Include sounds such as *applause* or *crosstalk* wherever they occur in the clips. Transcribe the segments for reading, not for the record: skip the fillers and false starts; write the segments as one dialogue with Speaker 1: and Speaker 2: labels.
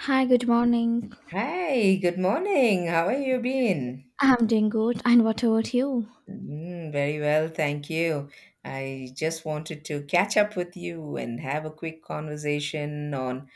Speaker 1: Hi, good morning.
Speaker 2: Hi, good morning. How are you been?
Speaker 1: I'm doing good, and what about you?
Speaker 2: Mm, very well, thank you. I just wanted to catch up with you and have a quick conversation on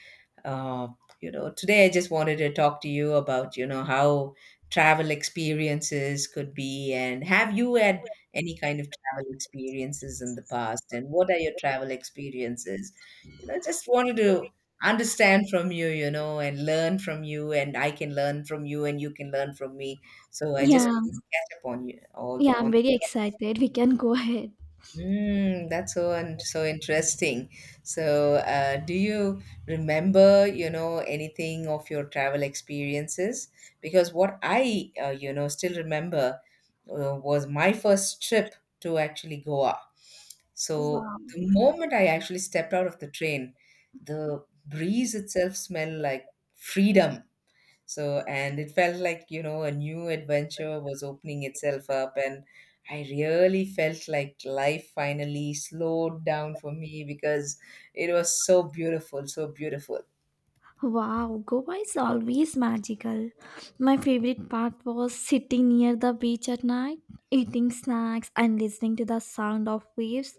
Speaker 2: uh, today I just wanted to talk to you about how travel experiences could be, and have you had any kind of travel experiences in the past, and what are your travel experiences. Just wanted to understand from you, you know and learn from you, and I can learn from you and you can learn from me. So I just
Speaker 1: Yeah,
Speaker 2: catch up on you all
Speaker 1: yeah, I'm
Speaker 2: on.
Speaker 1: very excited. We can go ahead.
Speaker 2: Mm, that's so and so interesting. So, do you remember, anything of your travel experiences? Because what I, still remember was my first trip to actually Goa. So
Speaker 1: Wow,
Speaker 2: the moment I actually stepped out of the train, the breeze itself smelled like freedom. And it felt like, a new adventure was opening itself up. And I really felt like life finally slowed down for me because it was so beautiful, so beautiful.
Speaker 1: wow, Goa is always magical. My favorite part was sitting near the beach at night, eating snacks, and listening to the sound of waves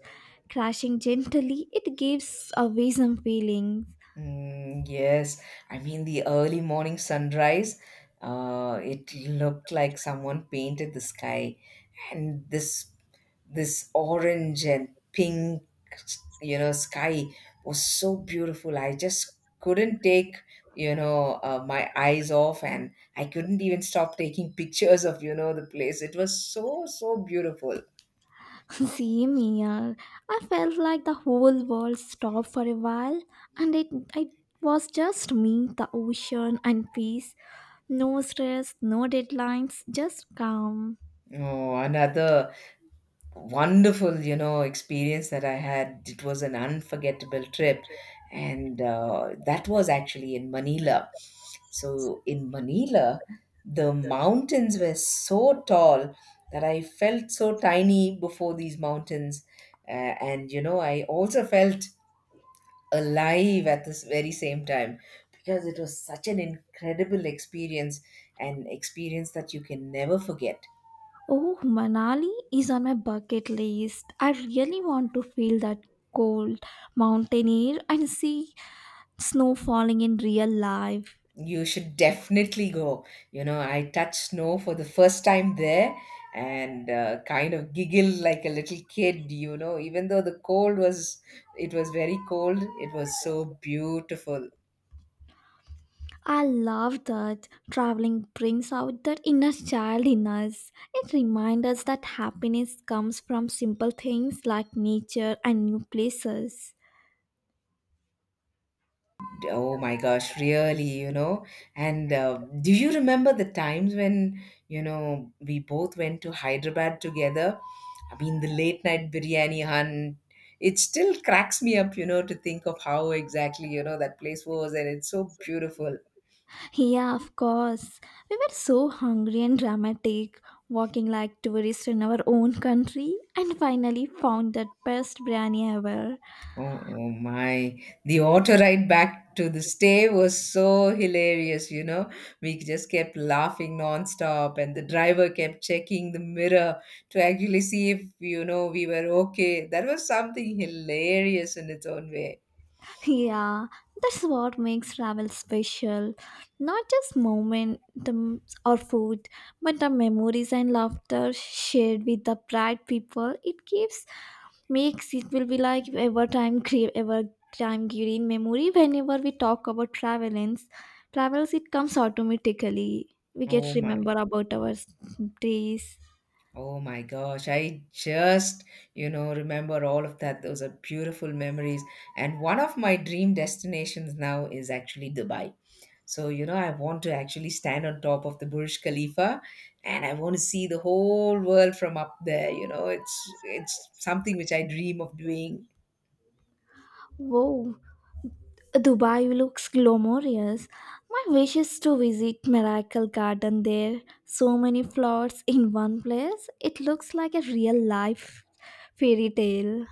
Speaker 1: crashing gently. It gives a some feeling.
Speaker 2: Mm, yes, I mean, the early morning sunrise, it looked like someone painted the sky. And this orange and pink sky was so beautiful. I just couldn't take, my eyes off, and I couldn't even stop taking pictures of, the place. It was so so beautiful.
Speaker 1: Same here. I felt like the whole world stopped for a while, and it was just me, the ocean, and peace. No stress, no deadlines, just calm.
Speaker 2: Oh, another wonderful experience that I had. It was an unforgettable trip, and that was actually in Manila. So in Manila, the mountains were so tall that I felt so tiny before these mountains. uh, and I also felt alive at this very same time, because it was such an incredible experience, an experience that you can never forget.
Speaker 1: Oh, Manali is on my bucket list. I really want to feel that cold mountain air and see snow falling in real life.
Speaker 2: You should definitely go. You know, I touched snow for the first time there, and kind of giggled like a little kid, you know, even though the cold was, it was very cold. It was so beautiful.
Speaker 1: I love that traveling brings out that inner child in us. It reminds us that happiness comes from simple things like nature and new places.
Speaker 2: Oh my gosh, really, you know. And do you remember the times when, you know, we both went to Hyderabad together? I mean, the late night biryani hunt, it still cracks me up, you know, to think of how exactly, you know, that place was. And it's so beautiful.
Speaker 1: Yeah, of course. We were so hungry and dramatic, walking like tourists in our own country, and finally found that best biryani ever.
Speaker 2: Oh, oh my. The auto ride back to the stay was so hilarious, you know. We just kept laughing nonstop, and the driver kept checking the mirror to actually see if, you know, we were okay. That was something hilarious in its own way.
Speaker 1: Yeah, that's what makes travel special. Not just or food, but the memories and laughter shared with the bright people. It gives makes it will be like ever time green memory. Whenever we talk about travels it comes automatically. We
Speaker 2: Oh
Speaker 1: get
Speaker 2: my,
Speaker 1: remember about our s- days.
Speaker 2: oh my gosh. I just, you know, remember all of that. Those are beautiful memories. And one of my dream destinations now is actually Dubai. So, you know, I want to actually stand on top of the Burj Khalifa, and I want to see the whole world from up there. You know, it's something which I dream of doing.
Speaker 1: Whoa, Dubai looks glamorous. My wish is to visit Miracle Garden there. So many flowers in one place. It looks like a real life fairy tale.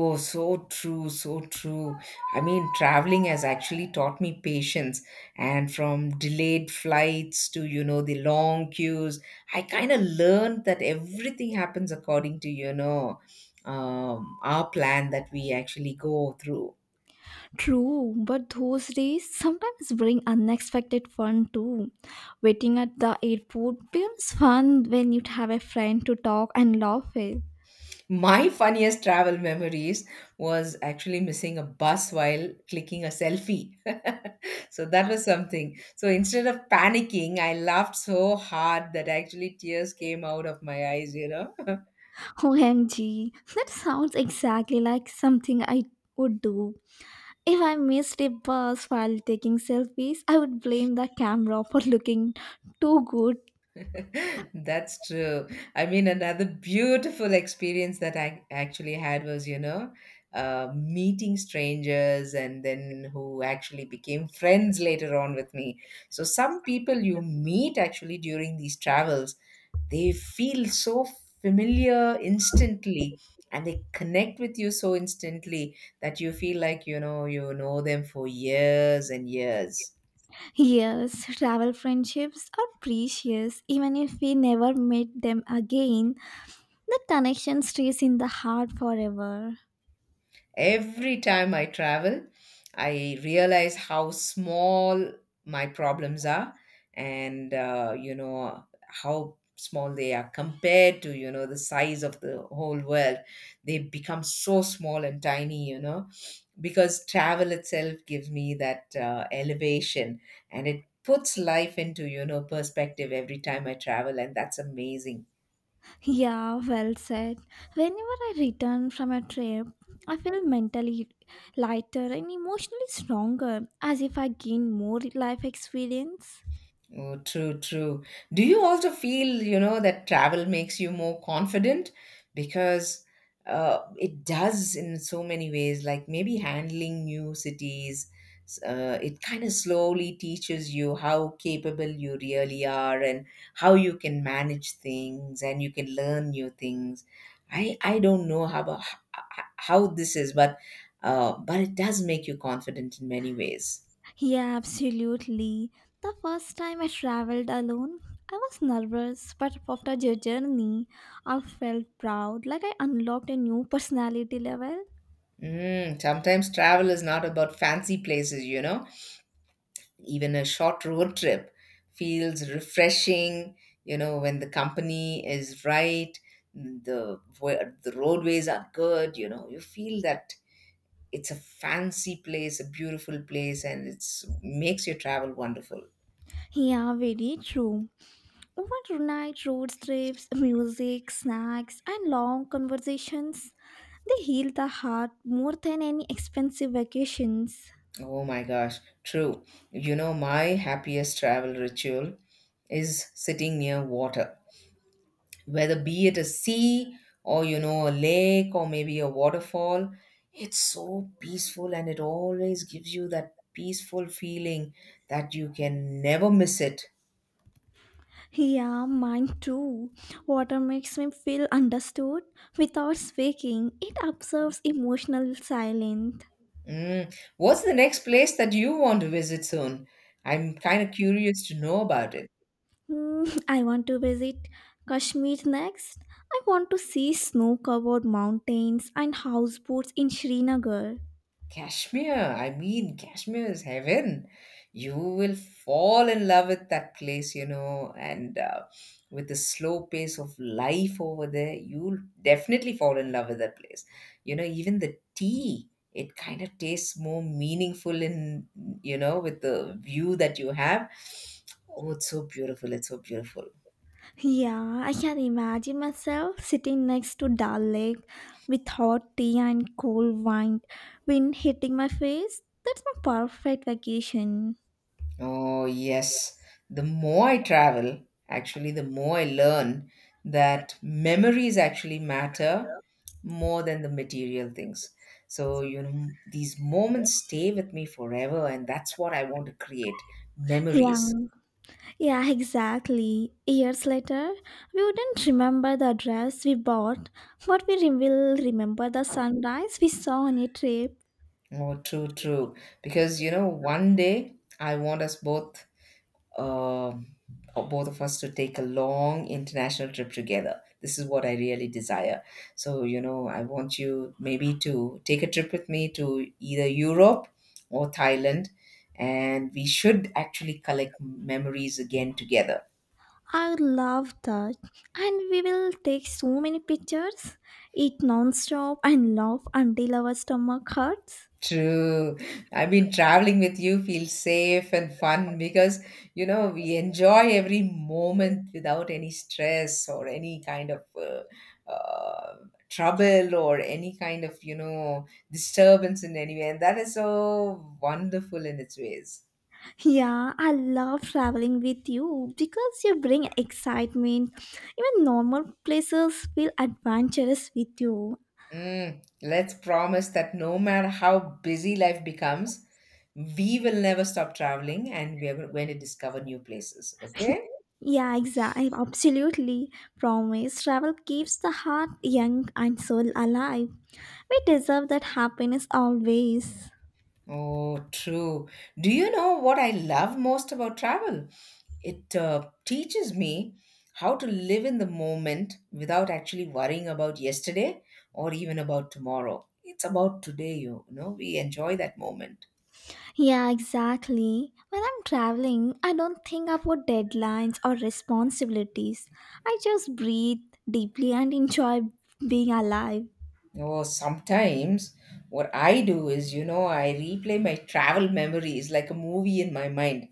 Speaker 2: Oh, so true, so true. I mean, traveling has actually taught me patience. And from delayed flights to, you know, the long queues, I kind of learned that everything happens according to, you know, our plan that we actually go through.
Speaker 1: True, but those days sometimes bring unexpected fun too. Waiting at the airport becomes fun when you have a friend to talk and laugh with.
Speaker 2: My funniest travel memories was actually missing a bus while clicking a selfie. *laughs* So that was something. So instead of panicking, I laughed so hard that actually tears came out of my eyes, you know.
Speaker 1: OMG, that sounds exactly like something I would do. If I missed a bus while taking selfies, I would blame the camera for looking too good.
Speaker 2: *laughs* That's true. I mean, another beautiful experience that I actually had was, you know, meeting strangers and then who actually became friends later on with me. So, some people you meet actually during these travels, they feel so familiar instantly, and they connect with you so instantly that you feel like you know them for years and years.
Speaker 1: Yes, travel friendships are precious. Even if we never meet them again, the connection stays in the heart forever.
Speaker 2: Every time I travel, I realize how small my problems are, and you know, how small they are compared to, the size of the whole world. They become so small and tiny, you know, because travel itself gives me that elevation, and it puts life into, perspective every time I travel, and that's amazing.
Speaker 1: Yeah, well said. Whenever I return from a trip, I feel mentally lighter and emotionally stronger, as if I gain more life experience.
Speaker 2: Oh, true, true. Do you also feel, you know, that travel makes you more confident? Because it does in so many ways, like maybe handling new cities, it kind of slowly teaches you how capable you really are, and how you can manage things and you can learn new things. I don't know how, about, how this is, but it does make you confident in many ways.
Speaker 1: Yeah, absolutely. The first time I traveled alone, I was nervous, but after the journey, I felt proud, like I unlocked a new personality level.
Speaker 2: Mm, sometimes travel is not about fancy places, you know. Even a short road trip feels refreshing, you know, when the company is right, the where the roadways are good, you know. You feel that it's a fancy place, a beautiful place, and it's makes your travel wonderful.
Speaker 1: Yeah, very true. Overnight road trips, music, snacks, and long conversations, they heal the heart more than any expensive vacations.
Speaker 2: Oh my gosh, true. You know, my happiest travel ritual is sitting near water, whether be it a sea, or you know, a lake, or maybe a waterfall. It's so peaceful, and it always gives you that peaceful feeling that you can never miss it.
Speaker 1: Yeah, mine too. Water makes me feel understood. Without speaking, it observes emotional silence.
Speaker 2: Mm. What's the next place that you want to visit soon? I'm kind of curious to know about it.
Speaker 1: Hmm, I want to visit Kashmir next. I want to see snow covered mountains and houseboats in Srinagar.
Speaker 2: Kashmir, I mean, Kashmir is heaven. You will fall in love with that place, you know, and with the slow pace of life over there, you'll definitely fall in love with that place. You know, even the tea, it kind of tastes more meaningful in, you know, with the view that you have. Oh, it's so beautiful. It's so beautiful.
Speaker 1: Yeah, I can imagine myself sitting next to Dal Lake with hot tea and cold wine, wind hitting my face. That's my perfect vacation.
Speaker 2: Oh, yes. The more I travel, actually, the more I learn that memories actually matter more than the material things. So, you know, these moments stay with me forever, and that's what I want to create
Speaker 1: Yeah,
Speaker 2: memories.
Speaker 1: yeah, exactly. Years later, we wouldn't remember the dress we bought, but we will remember the sunrise we saw on a trip.
Speaker 2: Oh, true, true. Because, you know, one day I want us both um, or both of us to take a long international trip together. This is what I really desire. So, you know, I want you maybe to take a trip with me to either Europe or Thailand, and we should actually collect memories again together.
Speaker 1: I love that. And we will take so many pictures, eat non-stop and laugh until our stomach hurts.
Speaker 2: True. I mean, traveling with you feels safe and fun because, you know, we enjoy every moment without any stress or any kind of trouble or any kind of, you know, disturbance in any way. And that is so wonderful in its ways.
Speaker 1: Yeah, I love traveling with you because you bring excitement. Even normal places feel adventurous with you.
Speaker 2: Mm, let's promise that no matter how busy life becomes, we will never stop traveling, and we are going to discover new places.
Speaker 1: *laughs*
Speaker 2: Okay?
Speaker 1: Yeah, exactly. Absolutely. Promise. Travel keeps the heart young and soul alive. We deserve that happiness always.
Speaker 2: Oh, true. Do you know what I love most about travel? It teaches me how to live in the moment without actually worrying about yesterday or even about tomorrow. It's about today, you know, we enjoy that moment.
Speaker 1: Yeah, exactly. When I'm traveling, I don't think about deadlines or responsibilities. I just breathe deeply and enjoy being alive.
Speaker 2: Oh, sometimes what I do is, you know, I replay my travel memories like a movie in my mind.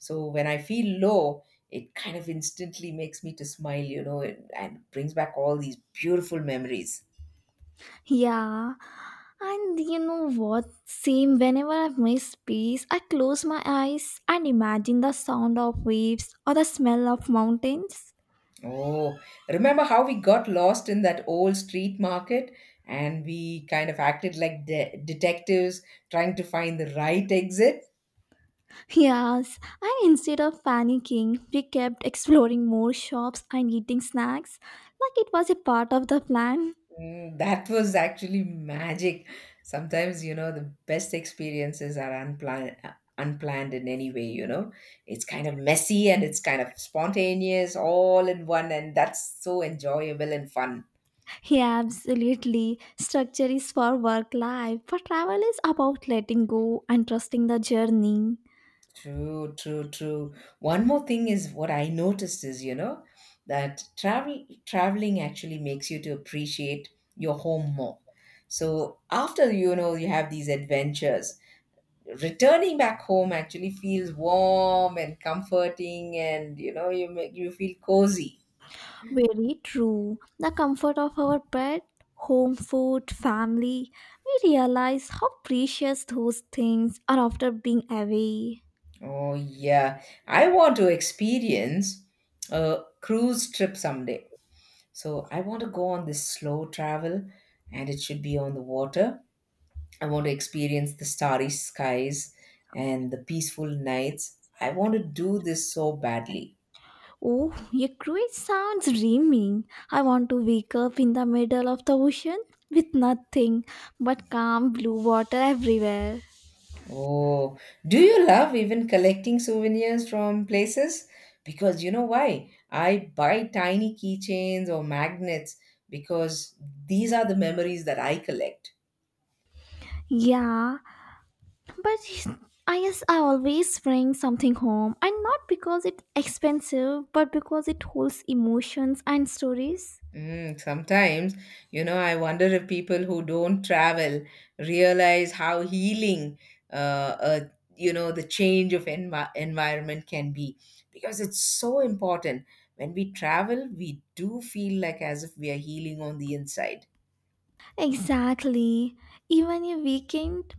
Speaker 2: So when I feel low, it kind of instantly makes me to smile, you know, and brings back all these beautiful memories.
Speaker 1: Yeah, and you know what? Same, whenever I miss peace, I close my eyes and imagine the sound of waves or the smell of mountains. *laughs*
Speaker 2: Oh, remember how we got lost in that old street market, and we kind of acted like detectives trying to find the right exit?
Speaker 1: Yes, and instead of panicking, we kept exploring more shops and eating snacks like it was a part of the plan.
Speaker 2: Mm, that was actually magic. Sometimes, you know, the best experiences are unplanned, unplanned in any way, you know. It's kind of messy and it's kind of spontaneous all in one, and that's so enjoyable and fun.
Speaker 1: Yeah, absolutely. Structure is for work life, but travel is about letting go and trusting the journey.
Speaker 2: True, true, true. One more thing is what I noticed is, you know, that traveling actually makes you to appreciate your home more. So after you have these adventures, returning back home actually feels warm and comforting, and you know, you make you feel cozy.
Speaker 1: Very true. The comfort of our bed, home food, family, we realize how precious those things are after being away.
Speaker 2: Oh yeah, I want to experience a cruise trip someday. So I want to go on this slow travel, and it should be on the water. I want to experience the starry skies and the peaceful nights. I want to do this so badly.
Speaker 1: Oh, your cruise sounds dreaming. I want to wake up in the middle of the ocean with nothing but calm blue water everywhere.
Speaker 2: Oh, do you love even collecting souvenirs from places? Because you know why? I buy tiny keychains or magnets because these are the memories that I collect.
Speaker 1: Yeah, but *laughs* I guess I always bring something home, and not because it's expensive, but because it holds emotions and stories.
Speaker 2: Mm, sometimes, you know, I wonder if people who don't travel realize how healing, uh, uh, you know, the change of environment can be, because it's so important. When we travel, we do feel like as if we are healing on the inside.
Speaker 1: Exactly. Even a weekend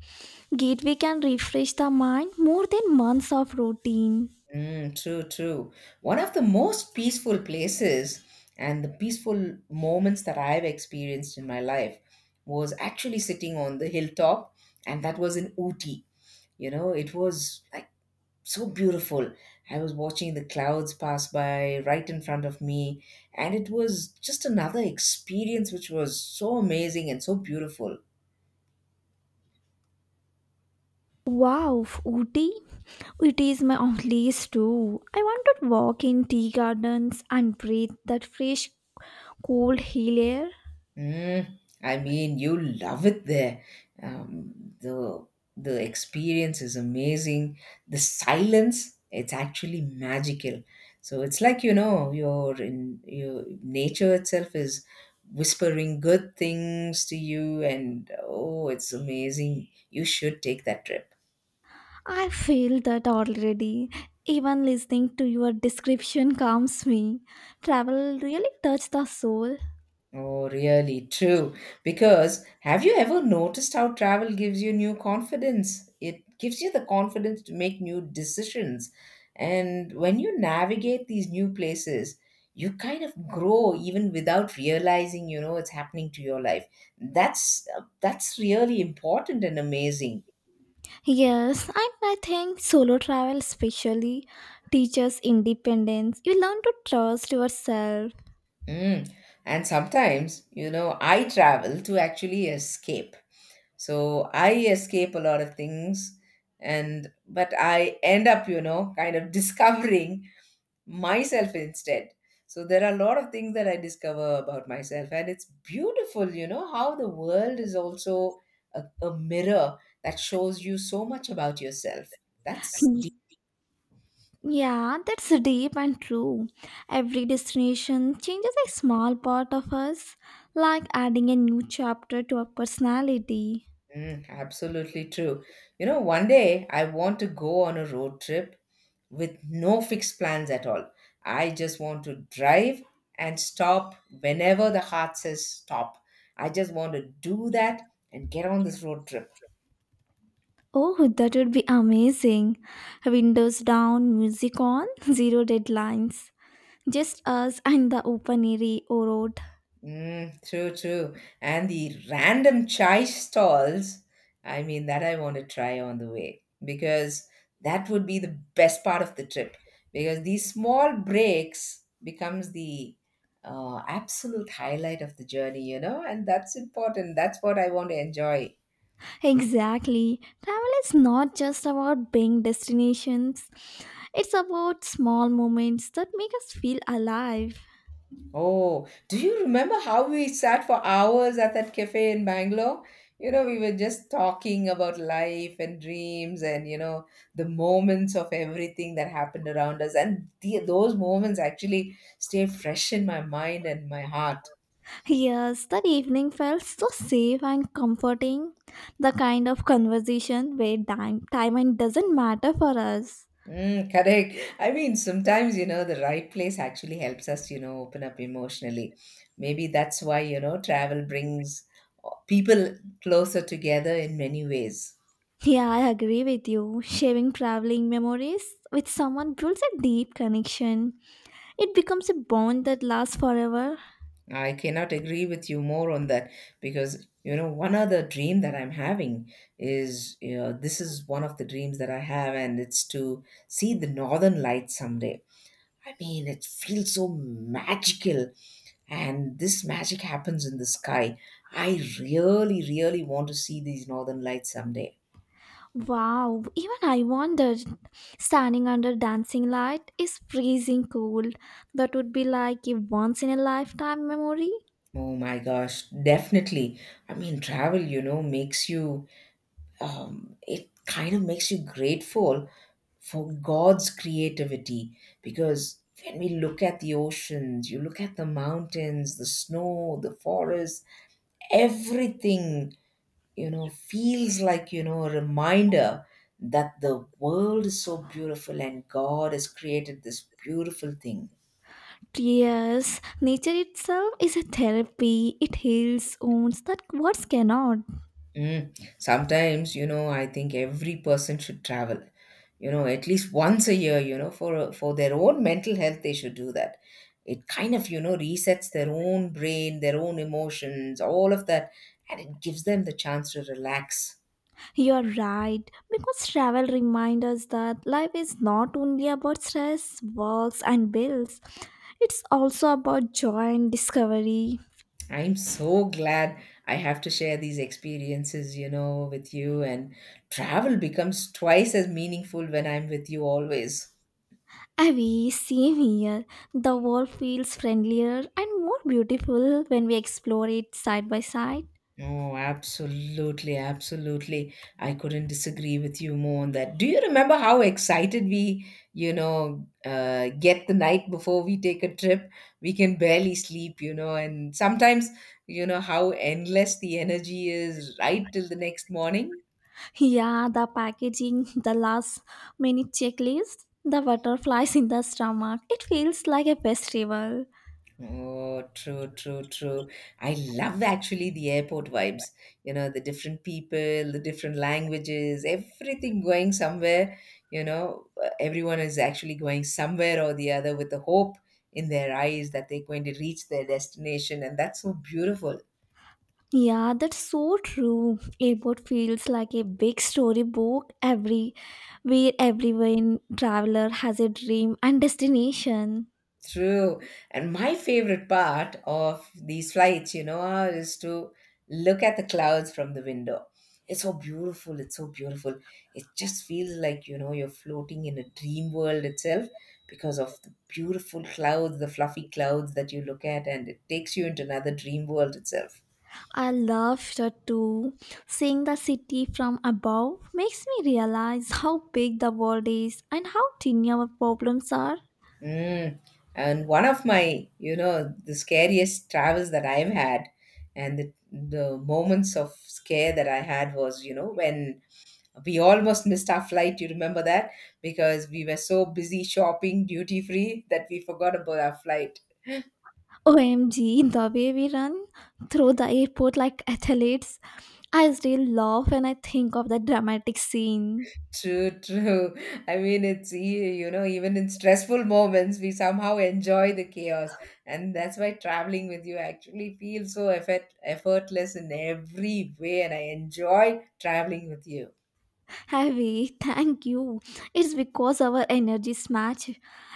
Speaker 1: getaway can refresh the mind more than months of routine.
Speaker 2: Mm, true, true. One of the most peaceful places and the peaceful moments that I've experienced in my life was actually sitting on the hilltop, and that was in Ooty. You know, it was like so beautiful. I was watching the clouds pass by right in front of me, and it was just another experience which was so amazing and so beautiful.
Speaker 1: Wow, Ooty! It is my own place too. I want to walk in tea gardens and breathe that fresh, cold hill air.
Speaker 2: Mm, I mean, you love it there. Um, the the experience is amazing. The silence, it's actually magical. So it's like, you know, your in your nature itself is whispering good things to you, and oh, it's amazing. You should take that trip.
Speaker 1: I feel that already. Even listening to your description calms me. Travel really touches the soul.
Speaker 2: Oh, really true. Because have you ever noticed how travel gives you new confidence? It gives you the confidence to make new decisions. And when you navigate these new places, you kind of grow even without realizing, you know, it's happening to your life. That's that's really important and amazing.
Speaker 1: Yes, and I think solo travel especially teaches independence. You learn to trust yourself.
Speaker 2: Mm. And sometimes, you know, I travel to actually escape. So I escape a lot of things and but I end up, you know, kind of *laughs* discovering myself instead. So there are a lot of things that I discover about myself, and it's beautiful, you know, how the world is also a mirror that shows you so much about yourself. That's
Speaker 1: Yeah, that's deep and true. Every destination changes a small part of us, like adding a new chapter to our personality.
Speaker 2: Mm, absolutely true. You know, one day I want to go on a road trip with no fixed plans at all. I just want to drive and stop whenever the heart says stop. I just want to do that and get on this road trip.
Speaker 1: Oh, that would be amazing. Windows down, music on, *laughs* zero deadlines. Just us and the open airy road.
Speaker 2: Mm, true, true. And the random chai stalls, I mean, that I want to try on the way, because that would be the best part of the trip, because these small breaks becomes the absolute highlight of the journey, you know, and that's important. That's what I want to enjoy.
Speaker 1: Exactly. Travel is not just about being destinations. It's about small moments that make us feel alive.
Speaker 2: Oh, do you remember how we sat for hours at that cafe in Bangalore? You know, we were just talking about life and dreams and, you know, the moments of everything that happened around us. And the, those moments actually stay fresh in my mind and my heart.
Speaker 1: Yes, that evening felt so safe and comforting. The kind of conversation where time and doesn't matter for us.
Speaker 2: Mm, correct. I mean, sometimes, you know, the right place actually helps us, you know, open up emotionally. Maybe that's why, you know, travel brings people closer together in many ways.
Speaker 1: Yeah, I agree with you. Sharing traveling memories with someone builds a deep connection. It becomes a bond that lasts forever.
Speaker 2: I cannot agree with you more on that, because you know one other dream that I'm having is, you know, this is one of the dreams that I have, and it's to see the northern lights someday. I mean, it feels so magical, and this magic happens in the sky. I really, really want to see these northern lights someday.
Speaker 1: Wow, even I wondered. Standing under dancing light is freezing cold. That would be like a once in a lifetime memory.
Speaker 2: Oh my gosh, definitely. I mean, travel, you know, makes you it kind of makes you grateful for God's creativity, because when we look at the oceans, you look at the mountains, the snow, the forest, everything, you know, feels like, you know, a reminder that the world is so beautiful and God has created this beautiful thing.
Speaker 1: Yes, nature itself is a therapy. It heals wounds that words cannot.
Speaker 2: Mm. Sometimes, you know, I think every person should travel, you know, at least once a year, you know, for their own mental health, they should do that. It kind of, you know, resets their own brain, their own emotions, all of that, and it gives them the chance to relax.
Speaker 1: You're right, because travel reminds us that life is not only about stress, works, and bills, it's also about joy and discovery.
Speaker 2: I'm so glad I have to share these experiences, you know, with you, and travel becomes twice as meaningful when I'm with you always.
Speaker 1: Avi, same here. The world feels friendlier and more beautiful when we explore it side by side.
Speaker 2: Oh, absolutely, absolutely. I couldn't disagree with you more on that. Do you remember how excited we, you know, get the night before we take a trip? We can barely sleep, you know, and sometimes, you know, how endless the energy is right till the next morning.
Speaker 1: Yeah, the packaging, the last minute checklist, the butterflies in the stomach. It feels like a festival.
Speaker 2: Oh, true, true, true. I love actually the airport vibes. You know, the different people, the different languages, everything going somewhere. You know, everyone is actually going somewhere or the other with the hope in their eyes that they're going to reach their destination. And that's so beautiful.
Speaker 1: Yeah, that's so true. Airport feels like a big storybook every where everyone traveler has a dream and destination.
Speaker 2: True. And my favorite part of these flights, you know, is to look at the clouds from the window. It's so beautiful. It's so beautiful. It just feels like, you know, you're floating in a dream world itself because of the beautiful clouds, the fluffy clouds that you look at, and it takes you into another dream world itself.
Speaker 1: I love that too. Seeing the city from above makes me realize how big the world is and how tiny our problems are.
Speaker 2: Mm. And one of my, you know, the scariest travels that I've had and the moments of scare that I had was, you know, when we almost missed our flight. You remember that? Because we were so busy shopping duty free that we forgot about our flight.
Speaker 1: OMG, the way we run through the airport like athletes. I still laugh when I think of the dramatic scene.
Speaker 2: True, true. *laughs* I mean, it's, you know, even in stressful moments, we somehow enjoy the chaos. And that's why traveling with you I actually feels so effortless in every way. And I enjoy traveling with you.
Speaker 1: Harvey, thank you. It's because our energies match.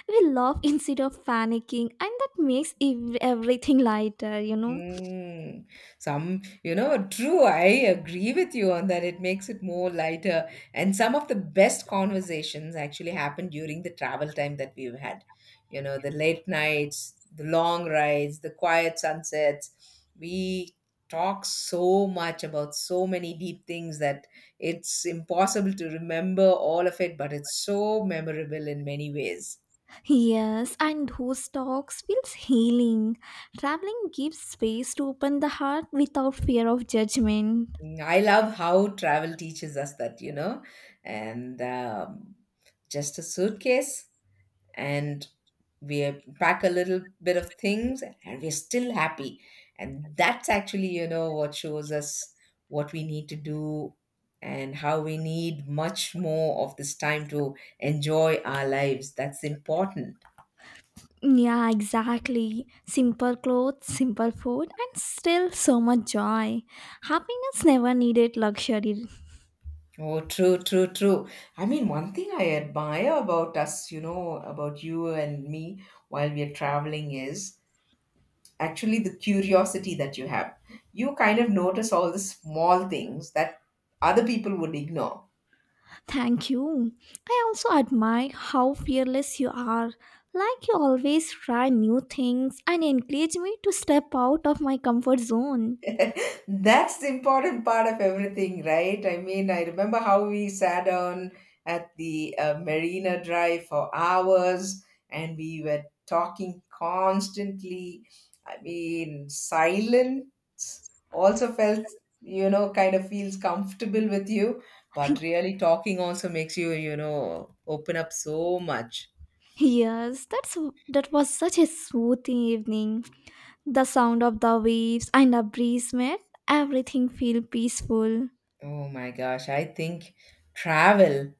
Speaker 1: We laugh instead of panicking, and that makes everything lighter, you know.
Speaker 2: Mm, some, you know, true. I agree with you on that. It makes it more lighter. And some of the best conversations actually happen during the travel time that we've had. You know, the late nights, the long rides, the quiet sunsets. We talk so much about so many deep things that it's impossible to remember all of it, but it's so memorable in many ways.
Speaker 1: Yes, and those talks feels healing. Traveling gives space to open the heart without fear of judgment.
Speaker 2: Mm, I love how travel teaches us that, you know, and just a suitcase, and we pack a little bit of things, and we're still happy. And that's actually, you know, what shows us what we need to do and how we need much more of this time to enjoy our lives. That's important.
Speaker 1: Yeah, exactly. Simple clothes, simple food, and still so much joy. Happiness never needed luxury.
Speaker 2: Oh, true, true, true. I mean, one thing I admire about us, you know, about you and me while we are traveling is actually the curiosity that you have. You kind of notice all the small things that other people would ignore.
Speaker 1: Thank you. I also admire how fearless you are. Like you always try new things and encourage me to step out of my comfort zone.
Speaker 2: That's the important part of everything, right? I mean, I remember how we sat down at the Marina Drive for hours, and we were talking constantly. I mean, silence also felt, you know, kind of feels comfortable with you, but
Speaker 1: *laughs*
Speaker 2: really talking also makes you, you know, open up so much.
Speaker 1: Yes, that was such a smooth evening. The sound of the waves and the breeze made everything feel peaceful.
Speaker 2: Oh my gosh, I think travel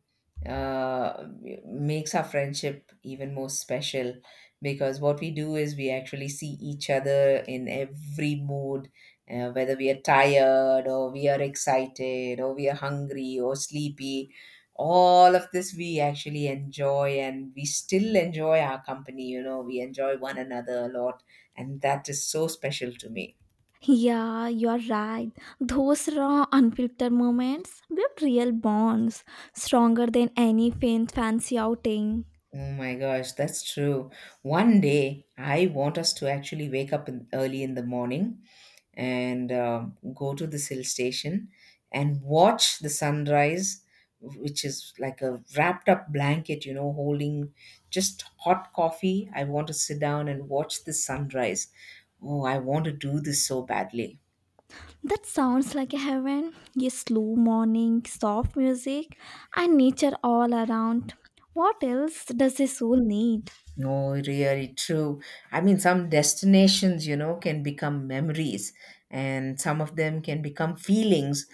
Speaker 2: uh, makes our friendship even more special, because what we do is we actually see each other in every mood, whether we are tired or we are excited or we are hungry or sleepy. All of this we actually enjoy, and we still enjoy our company, you know, we enjoy one another a lot, and that is so special to me.
Speaker 1: Yeah, you are right. Those raw, unfiltered moments build real bonds, stronger than any faint fancy outing.
Speaker 2: Oh my gosh, that's true. One day, I want us to actually wake up in, early in the morning and go to this hill station and watch the sunrise, which is like a wrapped up blanket, you know, holding just hot coffee. I want to sit down and watch the sunrise. Oh, I want to do this so badly.
Speaker 1: That sounds like a heaven. Yes, slow morning, soft music, and nature all around. What else does a soul need?
Speaker 2: No, really true. I mean, some destinations, you know, can become memories, and some of them can become feelings,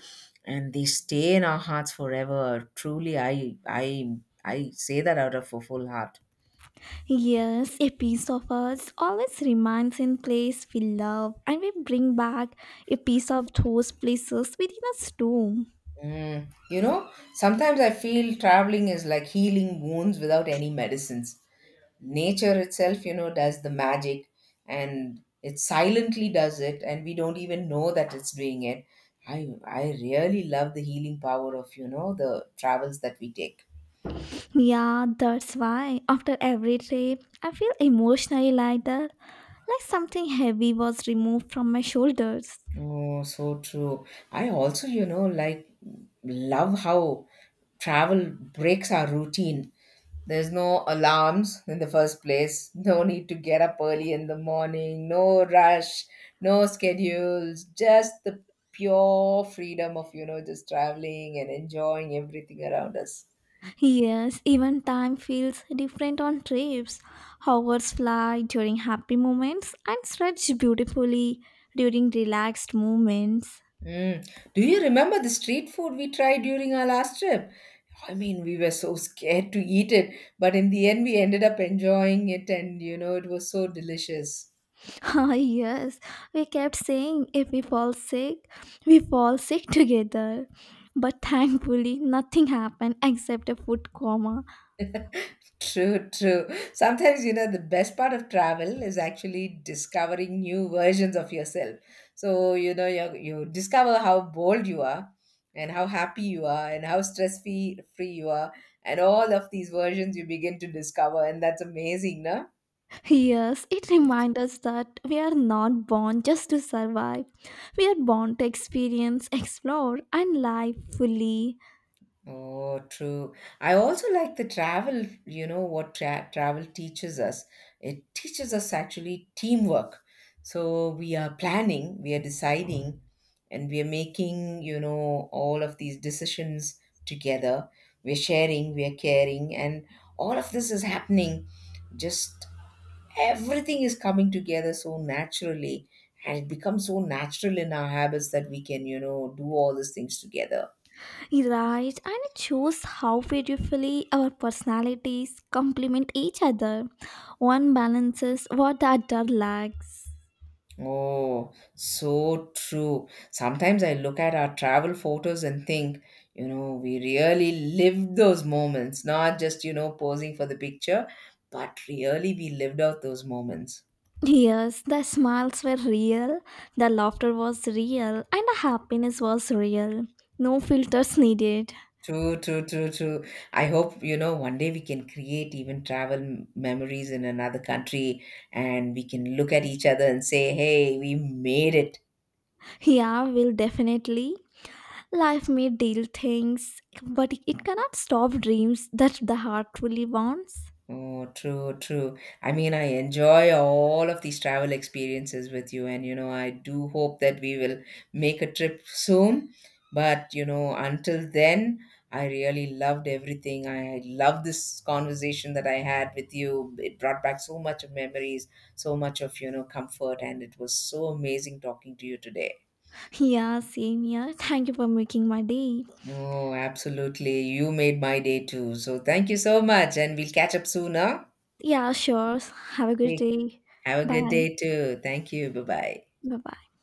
Speaker 2: and they stay in our hearts forever. Truly, I say that out of a full heart.
Speaker 1: Yes, a piece of us always remains in place we love, and we bring back a piece of those places within us too.
Speaker 2: Mm. You know, sometimes I feel traveling is like healing wounds without any medicines. Nature itself, you know, does the magic, and it silently does it, and we don't even know that it's doing it. I really love the healing power of, you know, the travels that we take.
Speaker 1: Yeah, that's why after every trip, I feel emotionally lighter, like something heavy was removed from my shoulders.
Speaker 2: Oh, so true. I also, you know, like love how travel breaks our routine. There's no alarms in the first place, no need to get up early in the morning, no rush, no schedules, just the pure freedom of, you know, just traveling and enjoying everything around us.
Speaker 1: Yes, even time feels different on trips. Hours fly during happy moments and stretch beautifully during relaxed moments.
Speaker 2: Mm. Do you remember the street food we tried during our last trip? I mean, we were so scared to eat it, but in the end, we ended up enjoying it, and you know, it was so delicious.
Speaker 1: *laughs* Ah, yes, we kept saying if we fall sick, we fall sick together. But thankfully, nothing happened except a food coma.
Speaker 2: True, true. Sometimes, you know, the best part of travel is actually discovering new versions of yourself. So, you know, you discover how bold you are, and how happy you are, and how stress free you are, and all of these versions you begin to discover, and that's amazing, no?
Speaker 1: Yes, it reminds us that we are not born just to survive. We are born to experience, explore, and live fully.
Speaker 2: Oh, true. I also like the travel, you know, what travel teaches us. It teaches us actually teamwork. So we are planning, we are deciding, and we are making, you know, all of these decisions together. We're sharing, we're caring, and all of this is happening. Just everything is coming together so naturally, and it becomes so natural in our habits that we can, you know, do all these things together.
Speaker 1: Right, and it shows how beautifully our personalities complement each other. One balances what the other lacks.
Speaker 2: Oh, so true. Sometimes I look at our travel photos and think, you know, we really lived those moments, not just, you know, posing for the picture, but really we lived out those moments.
Speaker 1: Yes, the smiles were real, the laughter was real, and the happiness was real. No filters needed.
Speaker 2: True, true, true, true. I hope, you know, one day we can create even travel memories in another country, and we can look at each other and say, hey, we made it.
Speaker 1: Yeah, will definitely. Life may deal things, but it cannot stop dreams that the heart truly wants.
Speaker 2: Oh, true, true. I mean, I enjoy all of these travel experiences with you, and you know, I do hope that we will make a trip soon. But you know, until then, I really loved everything. I love this conversation that I had with you. It brought back so much of memories, so much of, you know, comfort, and it was so amazing talking to you today.
Speaker 1: Yeah, same here. Thank you for making my day.
Speaker 2: Oh, absolutely. You made my day too. So thank you so much, and we'll catch up soon, huh?
Speaker 1: Yeah, sure. Have a good
Speaker 2: Take
Speaker 1: day.
Speaker 2: Have a good
Speaker 1: Bye.
Speaker 2: day too. Thank you. Bye bye.
Speaker 1: Bye bye.